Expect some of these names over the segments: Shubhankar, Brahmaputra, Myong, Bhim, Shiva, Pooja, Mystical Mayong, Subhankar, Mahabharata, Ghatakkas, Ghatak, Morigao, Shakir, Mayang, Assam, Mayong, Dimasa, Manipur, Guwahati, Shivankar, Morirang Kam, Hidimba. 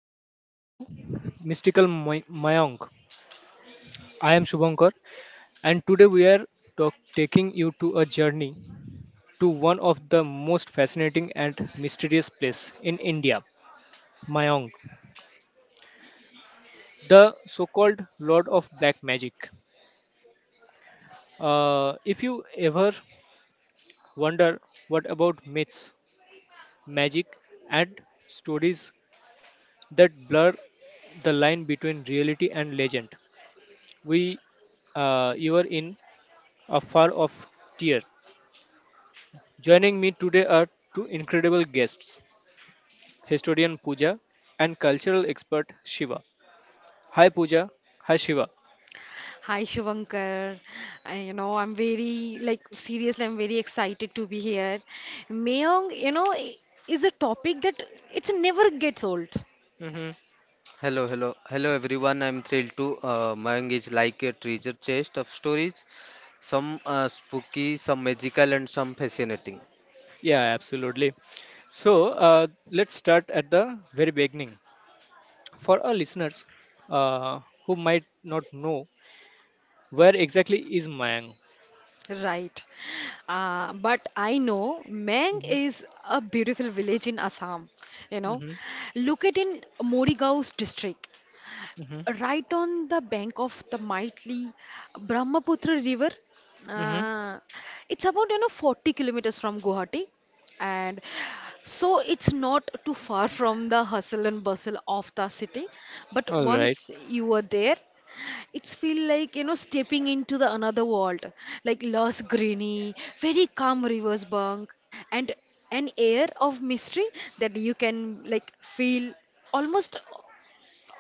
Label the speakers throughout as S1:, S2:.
S1: and welcome to Mystical Mayank. I am Shubhankar and today we are taking you to a journey to one of the most fascinating and mysterious place in India, Mayank, the so-called Lord of Black Magic. If you ever wonder what about myths, magic and stories that blur the line between reality and legend, we you are in afar off tear. Joining me today are two incredible guests historian Pooja and cultural expert Shiva. Hi, Pooja. Hi, Shiva.
S2: Hi Shivankar, I'm very like seriously I'm very excited to be here. Mayong, is a topic that it's never gets old,
S1: Hmm.
S3: Hello, hello, hello everyone. I'm thrilled to. Mayang is like a treasure chest of stories, some spooky, some magical, and some fascinating.
S1: Yeah, absolutely. Let's start at the very beginning. For our listeners uh, who might not know, where exactly is Mayang?
S2: right? But I know Mang
S1: Mm-hmm.
S2: is a beautiful village in Assam. You know,
S1: Mm-hmm.
S2: located in Morigao's district.
S1: Mm-hmm.
S2: Right on the bank of the mighty Brahmaputra River.
S1: Mm-hmm.
S2: Uh, it's about you know 40 kilometers from Guwahati, and so it's not too far from the hustle and bustle of the city. But
S1: All right.
S2: once you are there, it's feel like you know stepping into the another world, like lush greeny, very calm river's bank, and an air of mystery that you can like feel almost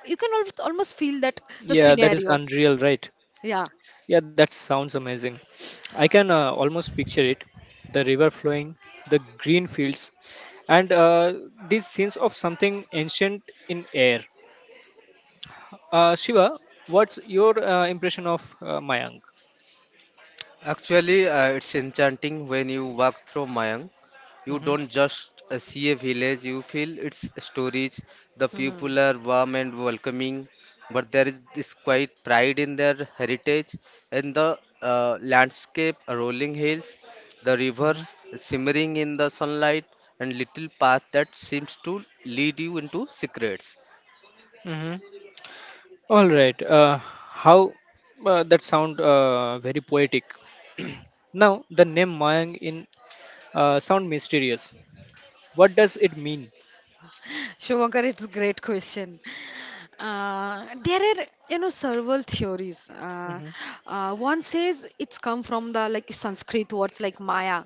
S2: almost feel that the
S1: Yeah, that is
S2: scenario.
S1: unreal, right?
S2: Yeah.
S1: Yeah, that sounds amazing. I can almost picture it, the river flowing, the green fields, and these scenes of something ancient in air. Shiva, what's your impression of Mayank?
S3: Actually, it's enchanting when you walk through Mayang. You
S1: Mm-hmm,
S3: don't just see a village, you feel its stories. The
S2: Hmm.
S3: people are warm and welcoming, but there is this quiet pride in their heritage and the landscape, rolling hills, the rivers
S1: mm-hmm,
S3: simmering in the sunlight, and little path that seems to lead you into secrets.
S1: mm-hmm. All right. How that sound very poetic. Now the name Mayang in sound mysterious. What does it mean?
S2: Shubhankar, it's a great question. There are, you know, several theories.
S1: Mm-hmm,
S2: One says it's come from the like Sanskrit words like Maya,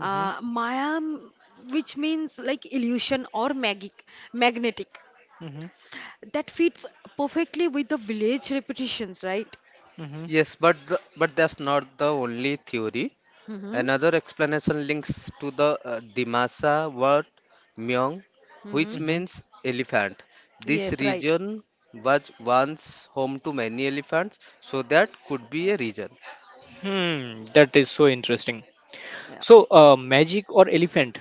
S1: mm-hmm,
S2: uh, Maya, m- which means like illusion or magic, magnetic.
S1: mm-hmm,
S2: That fits perfectly with the village repetitions, right?
S1: mm-hmm,
S3: Yes, but that's not the only theory.
S2: Mm-hmm.
S3: Another explanation links to the Dimasa word "myong," which
S2: Mm-hmm.
S1: mm-hmm.
S3: means elephant. This
S2: Yes, right.
S3: region was once home to many elephants, so that could be a region.
S1: Hmm, that is so interesting.
S2: Yeah.
S1: So, magic or elephant,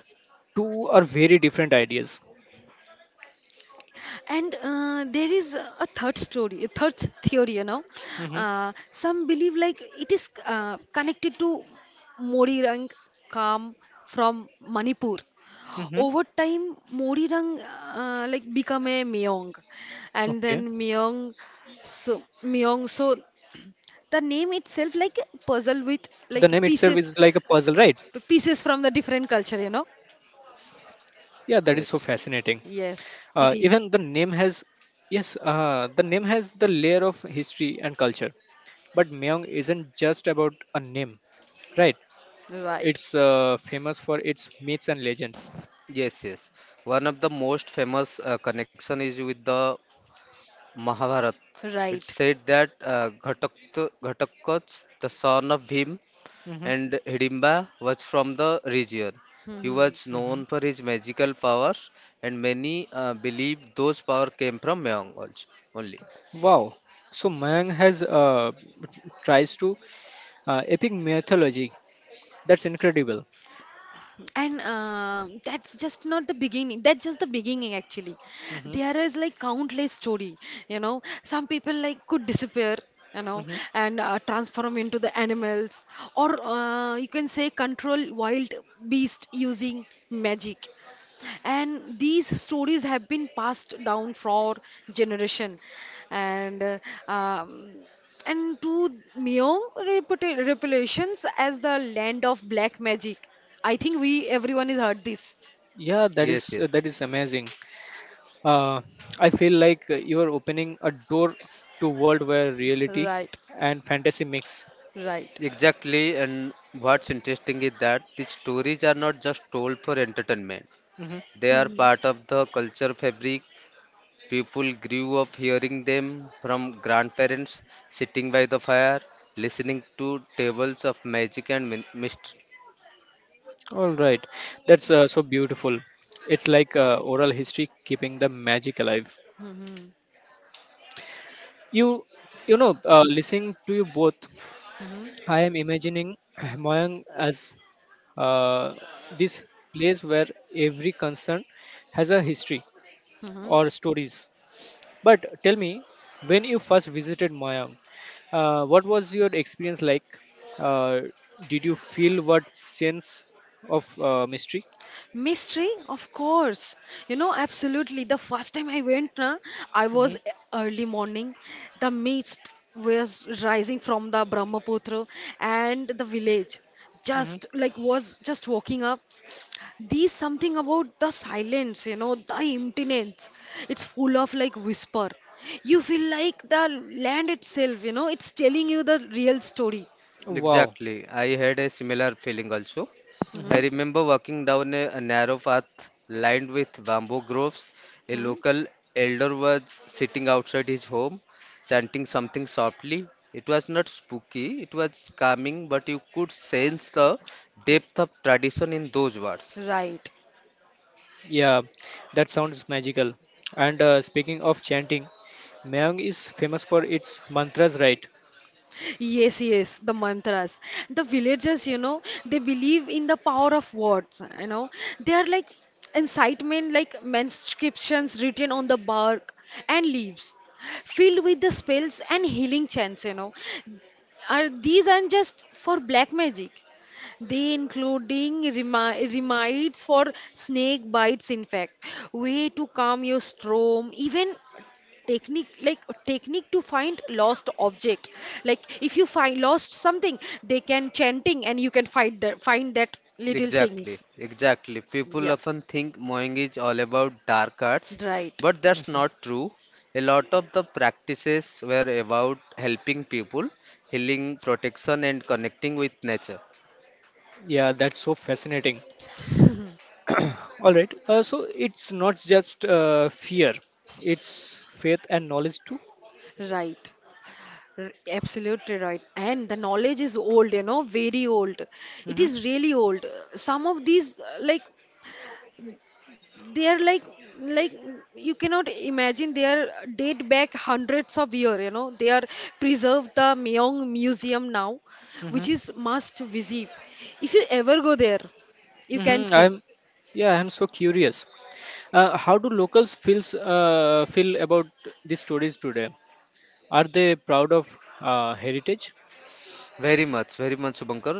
S1: two are very different ideas.
S2: And there is a third story, a third theory, you know.
S1: Hmm.
S2: Some believe like it is connected to Morirang Kam from Manipur.
S1: Hmm.
S2: Over time, Morirang like become a Meong, and
S1: Okay.
S2: then Meong. So the name itself
S1: The
S2: like
S1: name
S2: a
S1: itself
S2: puzzle
S1: is
S2: with
S1: like a
S2: like
S1: puzzle, right?
S2: pieces, pieces from the different culture, you know.
S1: Yeah, that is so
S3: Yes,
S1: fascinating.
S2: Yes,
S1: Uh,
S2: it
S1: even the
S2: is.
S1: name has, yes, the name has the layer of history and culture. But Myeong isn't just about a name, right?
S2: Right,
S1: It's famous for its myths and legends.
S3: yes, yes. One of the most famous connection is with the Mahabharata. It's
S2: right.
S3: said that Ghatakkas, the son of Bhim,
S1: Hmm.
S3: and Hidimba was from the region. He
S2: Hmm.
S3: was
S1: Hmm.
S3: known for his magical powers, and many believe those powers came from Mongols only.
S1: Wow. So Mayang has tries to epic mythology. That's incredible.
S2: And that's just not the beginning, that's just the beginning actually.
S1: Mm-hmm.
S2: There is like countless story, you know, some people like could disappear, you know,
S1: Mm-hmm.
S2: and transform into the animals, or you can say control wild beast using magic, and these stories have been passed down for generation, and uh, um, and to Myong reputations as the land of black magic. I think we everyone has heard this.
S1: Yeah, that
S3: Yes,
S1: is
S3: yes,
S1: that is amazing. Uh, I feel like you are opening a door to world where reality
S2: Right,
S1: and fantasy mix.
S2: right.
S3: exactly. And what's interesting is that these stories are not just told for entertainment,
S1: Mm-hmm.
S3: they are
S2: Hmm,
S3: part of the culture fabric. People grew up hearing them from grandparents, sitting by the fire, listening to tales of magic and mystery.
S1: All right, that's so beautiful. It's like oral history keeping the magic alive.
S2: hmm,
S1: You you know, listening to you both,
S2: hmm,
S1: I am imagining Moyang as uh, this place where every concern has a history
S2: hmm.
S1: or stories. But tell me, when you first visited Mayang, what was your experience like? Uh, did you feel what sense of mystery?
S2: Mystery, of course. You know, absolutely. The first time I went, na, I was
S1: Hmm.
S2: e- early morning. The mist was rising from the Brahmaputra and the village
S1: Hmm.
S2: just like was just walking up. There's something about the silence, you know, the emptiness. It's full of like whisper. You feel like the land itself, you know, it's telling you the real story.
S1: Wow.
S3: Exactly. I had a similar feeling also.
S1: Hmm.
S3: I
S2: Hmm?
S3: remember walking down a narrow path lined with bamboo groves. A
S2: Hmm?
S3: local elder was sitting outside his home, chanting something softly. It was not spooky, it was calming, but you could sense the depth of tradition in those words.
S2: Right.
S1: Yeah, that sounds magical. And speaking of chanting, Mayang is famous for its mantras, right?
S2: Yes, yes, the mantras. The villagers, you know, they believe in the power of words, you know. They are like incitement, like manuscriptions written on the bark and leaves, filled with the spells and healing chants, you know. Are these aren't just for black magic. They including remedies for snake bites, in fact, way to calm your storm, even technique to find lost object. Like if you find lost something, they can chanting and you can find that little
S3: Exactly,
S2: things.
S3: exactly. People
S2: Yeah,
S3: often think mowing is all about dark arts,
S2: right,
S3: but that's
S1: Hmm.
S3: not true. A lot of the practices were about helping people, healing, protection, and connecting with nature.
S1: Yeah, that's so fascinating. All right. So it's not just fear; it's faith and knowledge too.
S2: right. Absolutely right. And the knowledge is old, you know, very old. It is really old. Some of these, like they are like you cannot imagine they are date back hundreds of year, you know, they are preserved the Myeong museum now,
S1: Mm-hmm.
S2: which is must visit if you ever go there, you
S1: hmm
S2: can see.
S1: I'm Yeah, I'm so curious. How do locals feel about these stories today? Are they proud of heritage?
S3: Very much, very much, Subhankar.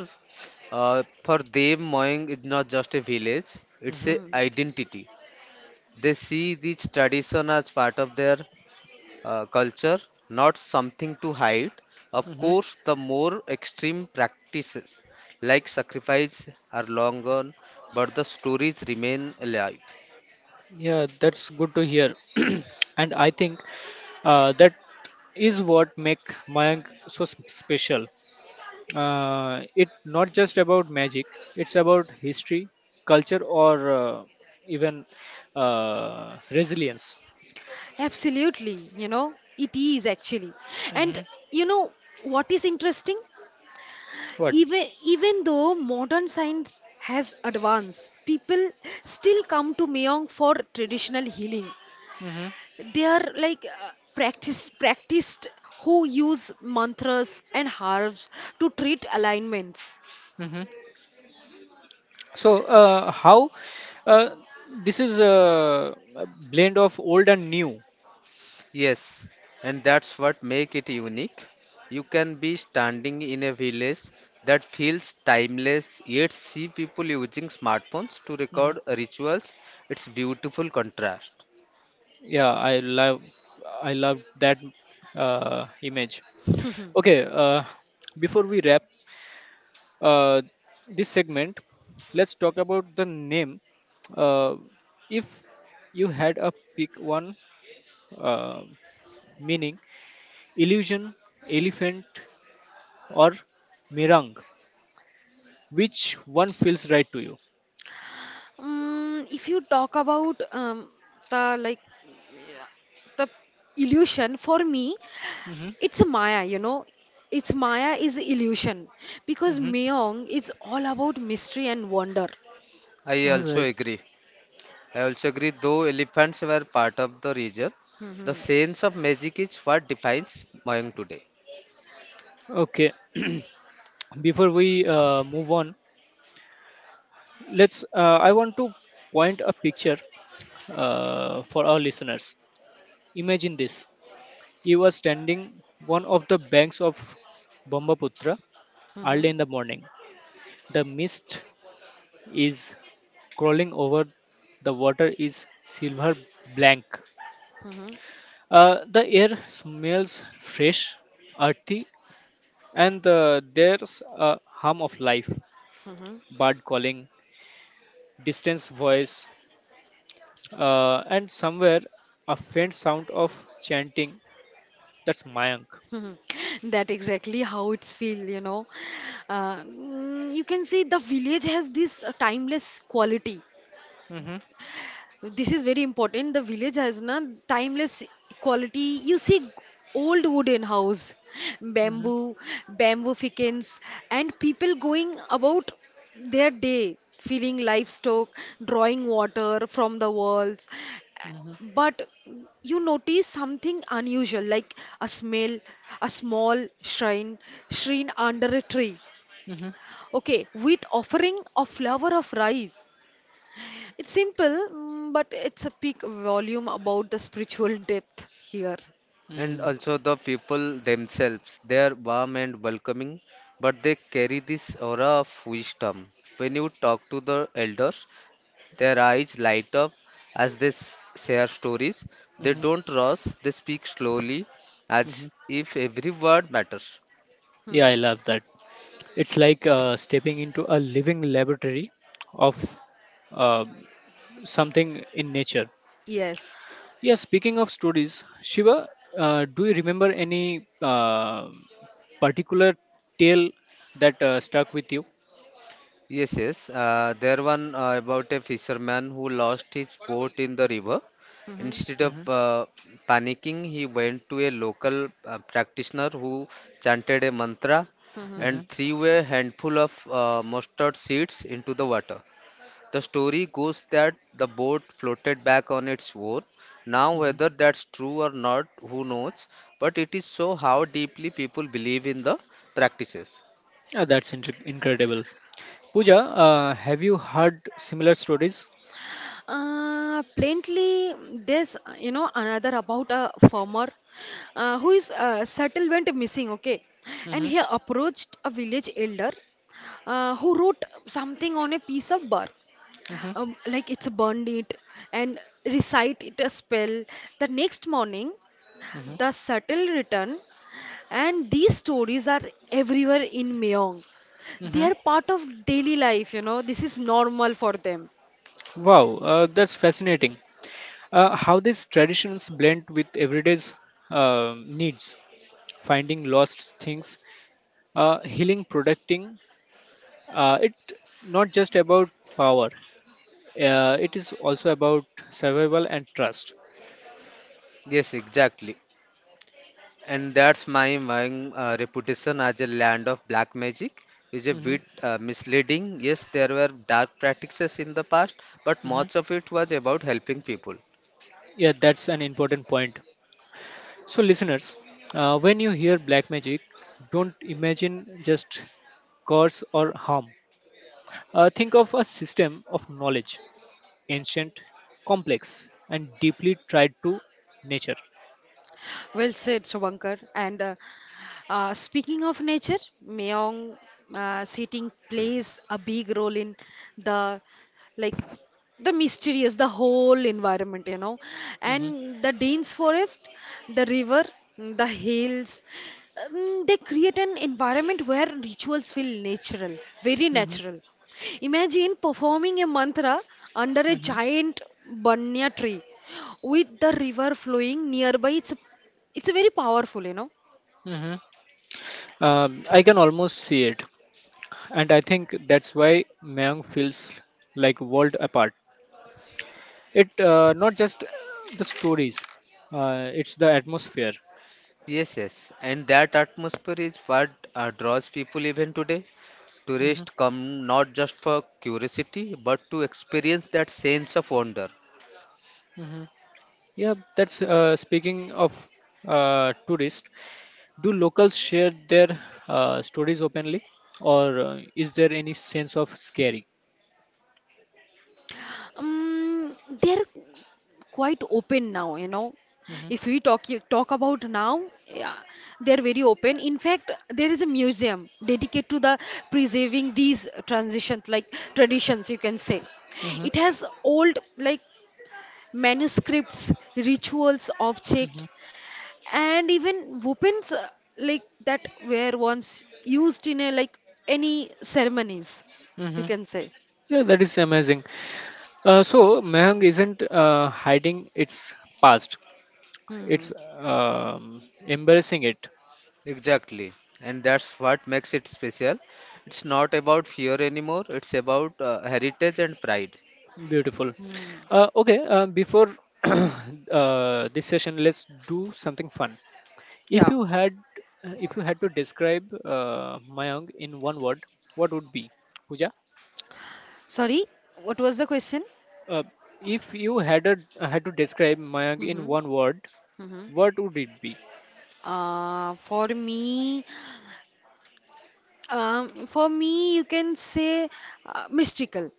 S3: For them, mowing is not just a village; it's
S1: Hmm.
S3: a
S2: Hmm.
S3: identity. They see this tradition as part of their culture, not something to hide. Of
S1: Hmm.
S3: course, the more extreme practices like sacrifice are long gone, but the stories remain alive.
S1: Yeah, that's good to hear. And I think that is what make Mayank so special. It not just about magic; it's about history, culture, or even resilience.
S2: Absolutely, you know, it is actually.
S1: Hmm.
S2: And you know what is interesting? Even even though modern science has advanced, people still come to Myeong for traditional healing.
S1: What?
S2: They are like practiced who use mantras and herbs to treat alignments.
S1: Hmm. So, how uh, this is a blend of old and new.
S3: Yes, and that's what make it unique. You can be standing in a village that feels timeless, yet see people using smartphones to
S1: Hmm.
S3: record rituals. It's beautiful contrast.
S1: Yeah, I love that image. Okay, uh, before we wrap uh, this segment, let's talk about the name. Uh, if you had a pick one, uh, meaning illusion, elephant, or mirang, which one feels right to you?
S2: If you talk about the the illusion, for me it's a maya, you know, it's maya is illusion, because
S1: Hmm.
S2: mayong is all about mystery and wonder.
S3: I
S1: All
S3: also
S1: right.
S3: agree. I also agree, though elephants were part of the region, the
S2: Hmm,
S3: sense of magic is what defines Mayang today.
S1: Okay. Before we move on, let's. I want to point a picture for our listeners. Imagine this: you are standing one of the banks of Brahmaputra
S2: hmm,
S1: early in the morning. The mist is crawling over. The water is silver blank.
S2: hmm,
S1: The air smells fresh, earthy, and there's a hum of life.
S2: hmm.
S1: Bird calling, distance voice, and somewhere a faint sound of chanting. That's Mayank.
S2: Mhm. That exactly how it's feel, you know. You can see the village has this timeless quality.
S1: Mm-hmm.
S2: This is very important. The village has na timeless quality. You see old wooden house,
S1: Mm-hmm.
S2: bamboo, bamboo fickens, and people going about their day, feeding livestock, drawing water from the walls. But you notice something unusual, like a smell, a small shrine, shrine under a tree.
S1: Mm-hmm.
S2: Okay, with offering a flower of rice. It's simple, mm, but it's a peak volume about the spiritual depth here.
S3: And
S1: Mm-hmm.
S3: also the people themselves, they are warm and welcoming, but they carry this aura of wisdom. When you talk to the elders, their eyes light up as they share stories. They
S1: Mm-hmm.
S3: don't rush, they speak slowly, as
S1: Mm-hmm.
S3: if every word matters.
S1: Yeah,
S2: Hmm.
S1: I love that. It's like stepping into a living laboratory of uh, something in nature.
S2: Yes.
S1: Yeah, speaking of stories, Shiva, do you remember any particular tale that stuck with you?
S3: Yes, yes. There one about a fisherman who lost his boat in the river.
S2: Hmm,
S3: Instead of
S1: Mm-hmm.
S3: panicking, he went to a local practitioner who chanted a mantra
S2: hmm.
S1: Mm-hmm.
S3: and threw a handful of mustard seeds into the water. The story goes that the boat floated back on its own. Now, whether that's true or not, who knows? But it is so how deeply people believe in the practices.
S1: That's incredible. Pooja, have you heard similar stories?
S2: Plainly, there's you know another about a farmer who is settlement missing. Okay, and
S1: Hmm.
S2: he approached a village elder who wrote something on a piece of bark,
S1: Hmm.
S2: like it's burned it and recite it a spell. The next morning,
S1: Hmm.
S2: the subtle returned. And these stories are everywhere in Myeong.
S1: Hmm.
S2: They are part of daily life, you know, this is normal for them.
S1: Wow, that's fascinating. How these traditions blend with everyday's needs, finding lost things, healing, protecting. It not just about power. It is also about survival and trust.
S3: Yes, exactly. And that's reputation as a land of black magic is a
S1: Hmm.
S3: bit misleading. Yes, there were dark practices in the past, but
S1: Hmm.
S3: much of it was about helping people.
S1: Yeah, that's an important point. So, listeners, when you hear black magic, don't imagine just curse or harm. Think of a system of knowledge, ancient, complex, and deeply tied to nature.
S2: Well said, Shavankar. And speaking of nature, Meong seating plays a big role in the like the mysterious, the whole environment, you know,
S1: Mhm,
S2: and the dense forest, the river, the hills. They create an environment where rituals feel natural, very
S1: mhm,
S2: natural. Imagine performing a mantra under a
S1: mhm,
S2: giant banya tree with the river flowing nearby. It's a very powerful, you know.
S1: mhm. I can almost see it, and I think that's why Mayang feels like world apart. It not just the stories; it's the atmosphere.
S3: Yes, yes, and that atmosphere is what draws people even today.
S1: Mhm,
S3: Tourists come not just for curiosity, but to experience that sense of wonder.
S1: mhm. Yeah, that's speaking of tourists. Do locals share their stories openly, or is there any sense of scary?
S2: um, they're quite open now, you know.
S1: Hmm.
S2: If we talk about now, yeah, they're very open. In fact, there is a museum dedicated to the preserving these transitions, like traditions you can say.
S1: Hmm.
S2: It has old like manuscripts rituals object and even weapons like that were once used in a like any ceremonies,
S1: Hmm.
S2: you
S1: Hmm.
S2: can say.
S1: Yeah, that is amazing. So Mehang isn't hiding its past;
S2: Hmm.
S1: it's embarrassing it.
S3: Exactly, and that's what makes it special. It's not about fear anymore, it's about heritage and pride
S1: Beautiful.
S2: Hmm.
S1: Okay, before this session, let's do something fun. If
S2: Yeah.
S1: you had if you had to describe Mayang in one word, what would be? Pooja?
S2: Sorry, what was the question?
S1: Uh, if you had to describe Mayang in
S2: Mm-hmm.
S1: one word,
S2: Mm-hmm.
S1: what would it be?
S2: For me, for me, you can say mystical.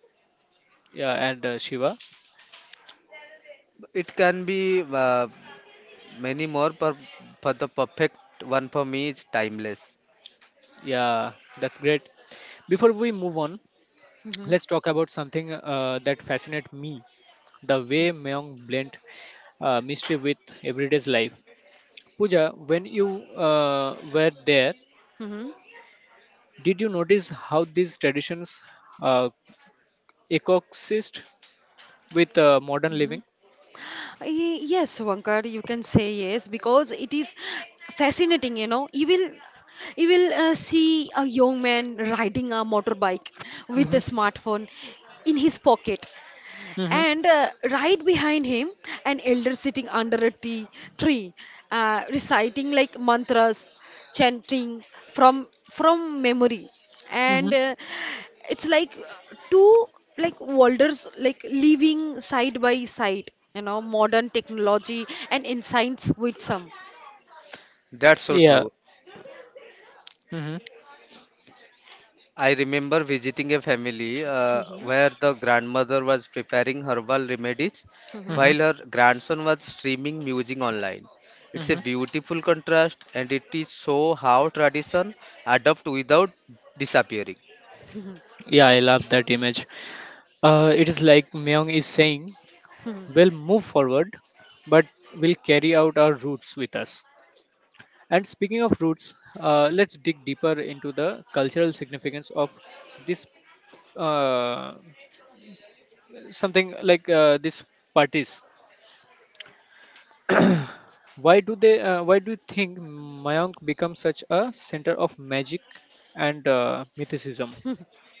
S1: Yeah, and Shiva.
S3: it can be Many more, per, but the perfect one for me is timeless.
S1: Yeah, that's great. Before we move on,
S2: Mm-hmm.
S1: let's talk about something that fascinates me: the way Mayang blend mystery with everyday's life. Pooja, when you were there,
S2: Mm-hmm.
S1: did you notice how these traditions uh, Ecosist with modern
S2: Mm-hmm.
S1: living.
S2: Yes, Vankar, you can say yes because it is fascinating, you know. You will see a young man riding a motorbike with
S1: Mm-hmm.
S2: a smartphone in his pocket.
S1: Mm-hmm.
S2: And right behind him, an elder sitting under a tea, tree, reciting like mantras, chanting from memory.
S1: Mm-hmm.
S2: And it's like two like worlds like living side by side. You know, modern technology and insights with some.
S3: That's so
S1: Yeah.
S3: true.
S1: Mm-hmm.
S3: I remember visiting a family
S2: Mhm.
S3: where the grandmother was preparing herbal remedies
S1: Mm-hmm.
S3: while her grandson was streaming music online. It's a
S1: Mm-hmm.
S3: beautiful contrast and it is so how tradition adapt without disappearing.
S1: Yeah, I love that image. It is like Myung is saying,
S2: Mhm.
S1: we'll move forward, but we'll carry out our roots with us. And speaking of roots, let's dig deeper into the cultural significance of this uh, something like this parties. Why do they? Why do you think Mayank becomes such a center of magic and mythicism?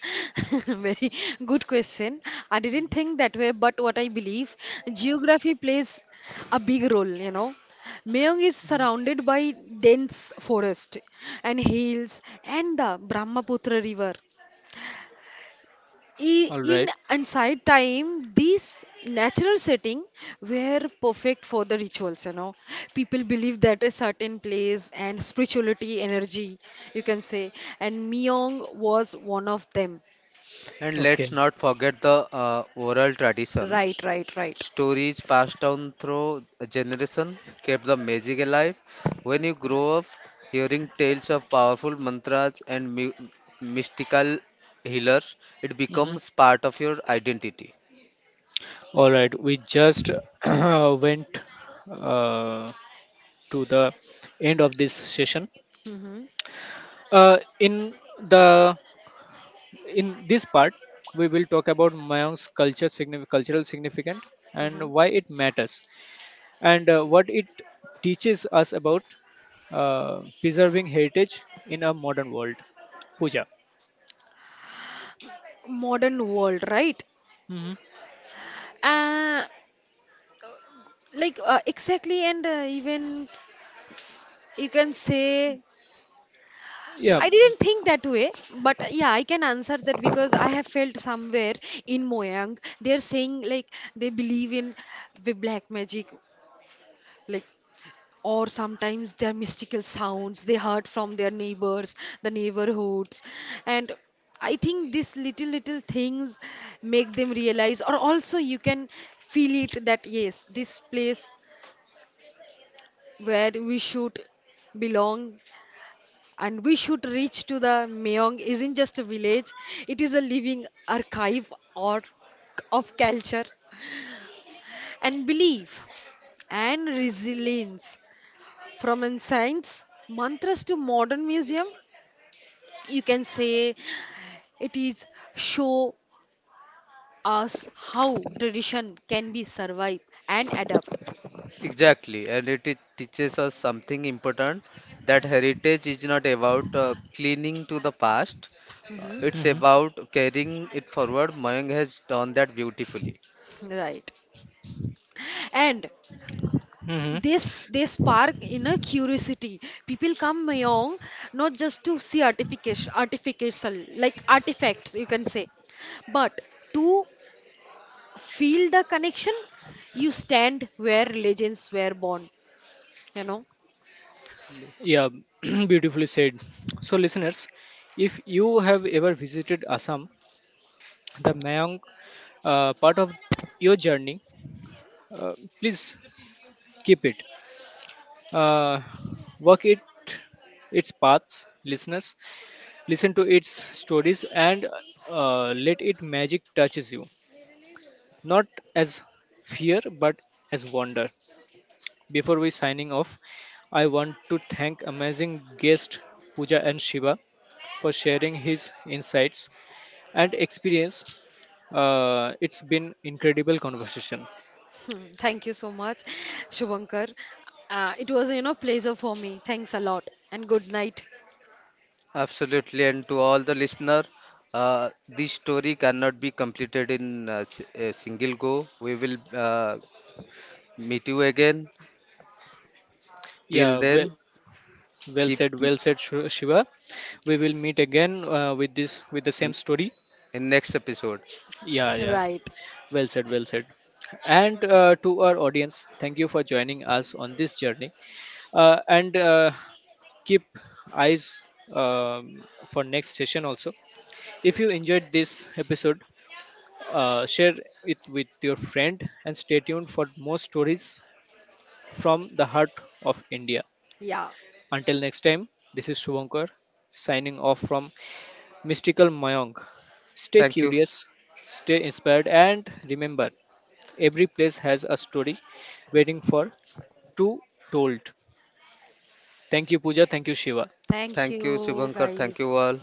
S2: Very good question. I didn't think that way, but what I believe, geography plays a big role, you know. Mayong is
S1: Mhm.
S2: surrounded by dense forest and hills and the Brahmaputra River. I-
S1: All
S2: In
S1: right.
S2: Inside time, this natural setting were perfect for the rituals, you know. People believe that a certain place and spirituality, energy, you can say, and Myong was one of them.
S3: And let's
S1: Okay.
S3: not forget the oral
S2: Right,
S3: traditions.
S2: right, right.
S3: Stories passed down through a generation kept the magic alive. When you grow up, hearing tales of powerful mantras and mystical healers, it
S1: Mhm.
S3: becomes part of your identity.
S1: All right. We just went uh, to the end of this session.
S2: Mm-hmm.
S1: Uh, in the in this part, we will talk about Mayank's culture, cultural significant, and
S2: Mm-hmm.
S1: why it matters. And what it teaches us about preserving heritage in a modern world. Puja.
S2: Modern world, right?
S1: Hmm.
S2: Uh, exactly, and even you can say
S1: Yeah.
S2: I didn't think that way, but yeah, I can answer that because I have felt somewhere in Moyang they're saying like they believe in the black magic, like, or sometimes their mystical sounds they heard from their neighbors, the neighborhoods, and I think these little things make them realize, or also you can feel it that yes, this place where we should belong and we should reach to the Meong isn't just a village, it is a living archive or of culture and belief and resilience. From ancient mantras to modern museum, you can say it is show us how tradition can be survived and adapt.
S3: Exactly, and it teaches us something important that heritage is not about clinging to the past.
S2: Mhm.
S3: It's
S1: Hmm.
S3: about carrying it forward. Mayang has done that beautifully.
S2: Right. And
S1: Hmm.
S2: this they spark in a curiosity, people come along not just to see artification artificial like artifacts, you can say, but to feel the connection. You stand where legends were born, you know.
S1: Yeah, beautifully said. So, listeners, if you have ever visited Assam, the Mayang part of your journey, uh, please keep it. Uh, walk it its paths, listeners. Listen to its stories and let it magic touches you not as fear but as wonder. Before we signing off, I want to thank amazing guest Pooja and Shiva for sharing his insights and experience. It's been incredible conversation.
S2: Hmm. Thank you so much, Shubhankar. It was, you know, pleasure for me. Thanks a lot and good night.
S3: Absolutely, and to all the listener, this story cannot be completed in a single go. We will meet you again. Till
S1: yeah well
S3: then,
S1: well
S3: keep
S1: said, well said, Shiva. We will meet again with the same
S3: in,
S1: story.
S3: in next episode.
S1: yeah yeah
S2: Right.
S1: Well said, well said. And to our audience, thank you for joining us on this journey. And keep eyes um, for next session also. If you enjoyed this episode, share it with your friend and stay tuned for more stories from the heart of India.
S2: Yeah.
S1: Until next time, this is Shubhankar signing off from Mystical Mayong. Stay
S3: Thank you,
S1: curious, stay inspired, and remember every place has a story waiting for to told. Thank you, Pooja. Thank you, Shiva.
S2: Thank
S3: thank you,
S2: you,
S3: Shubhankar. Thank
S2: guys.
S3: you all.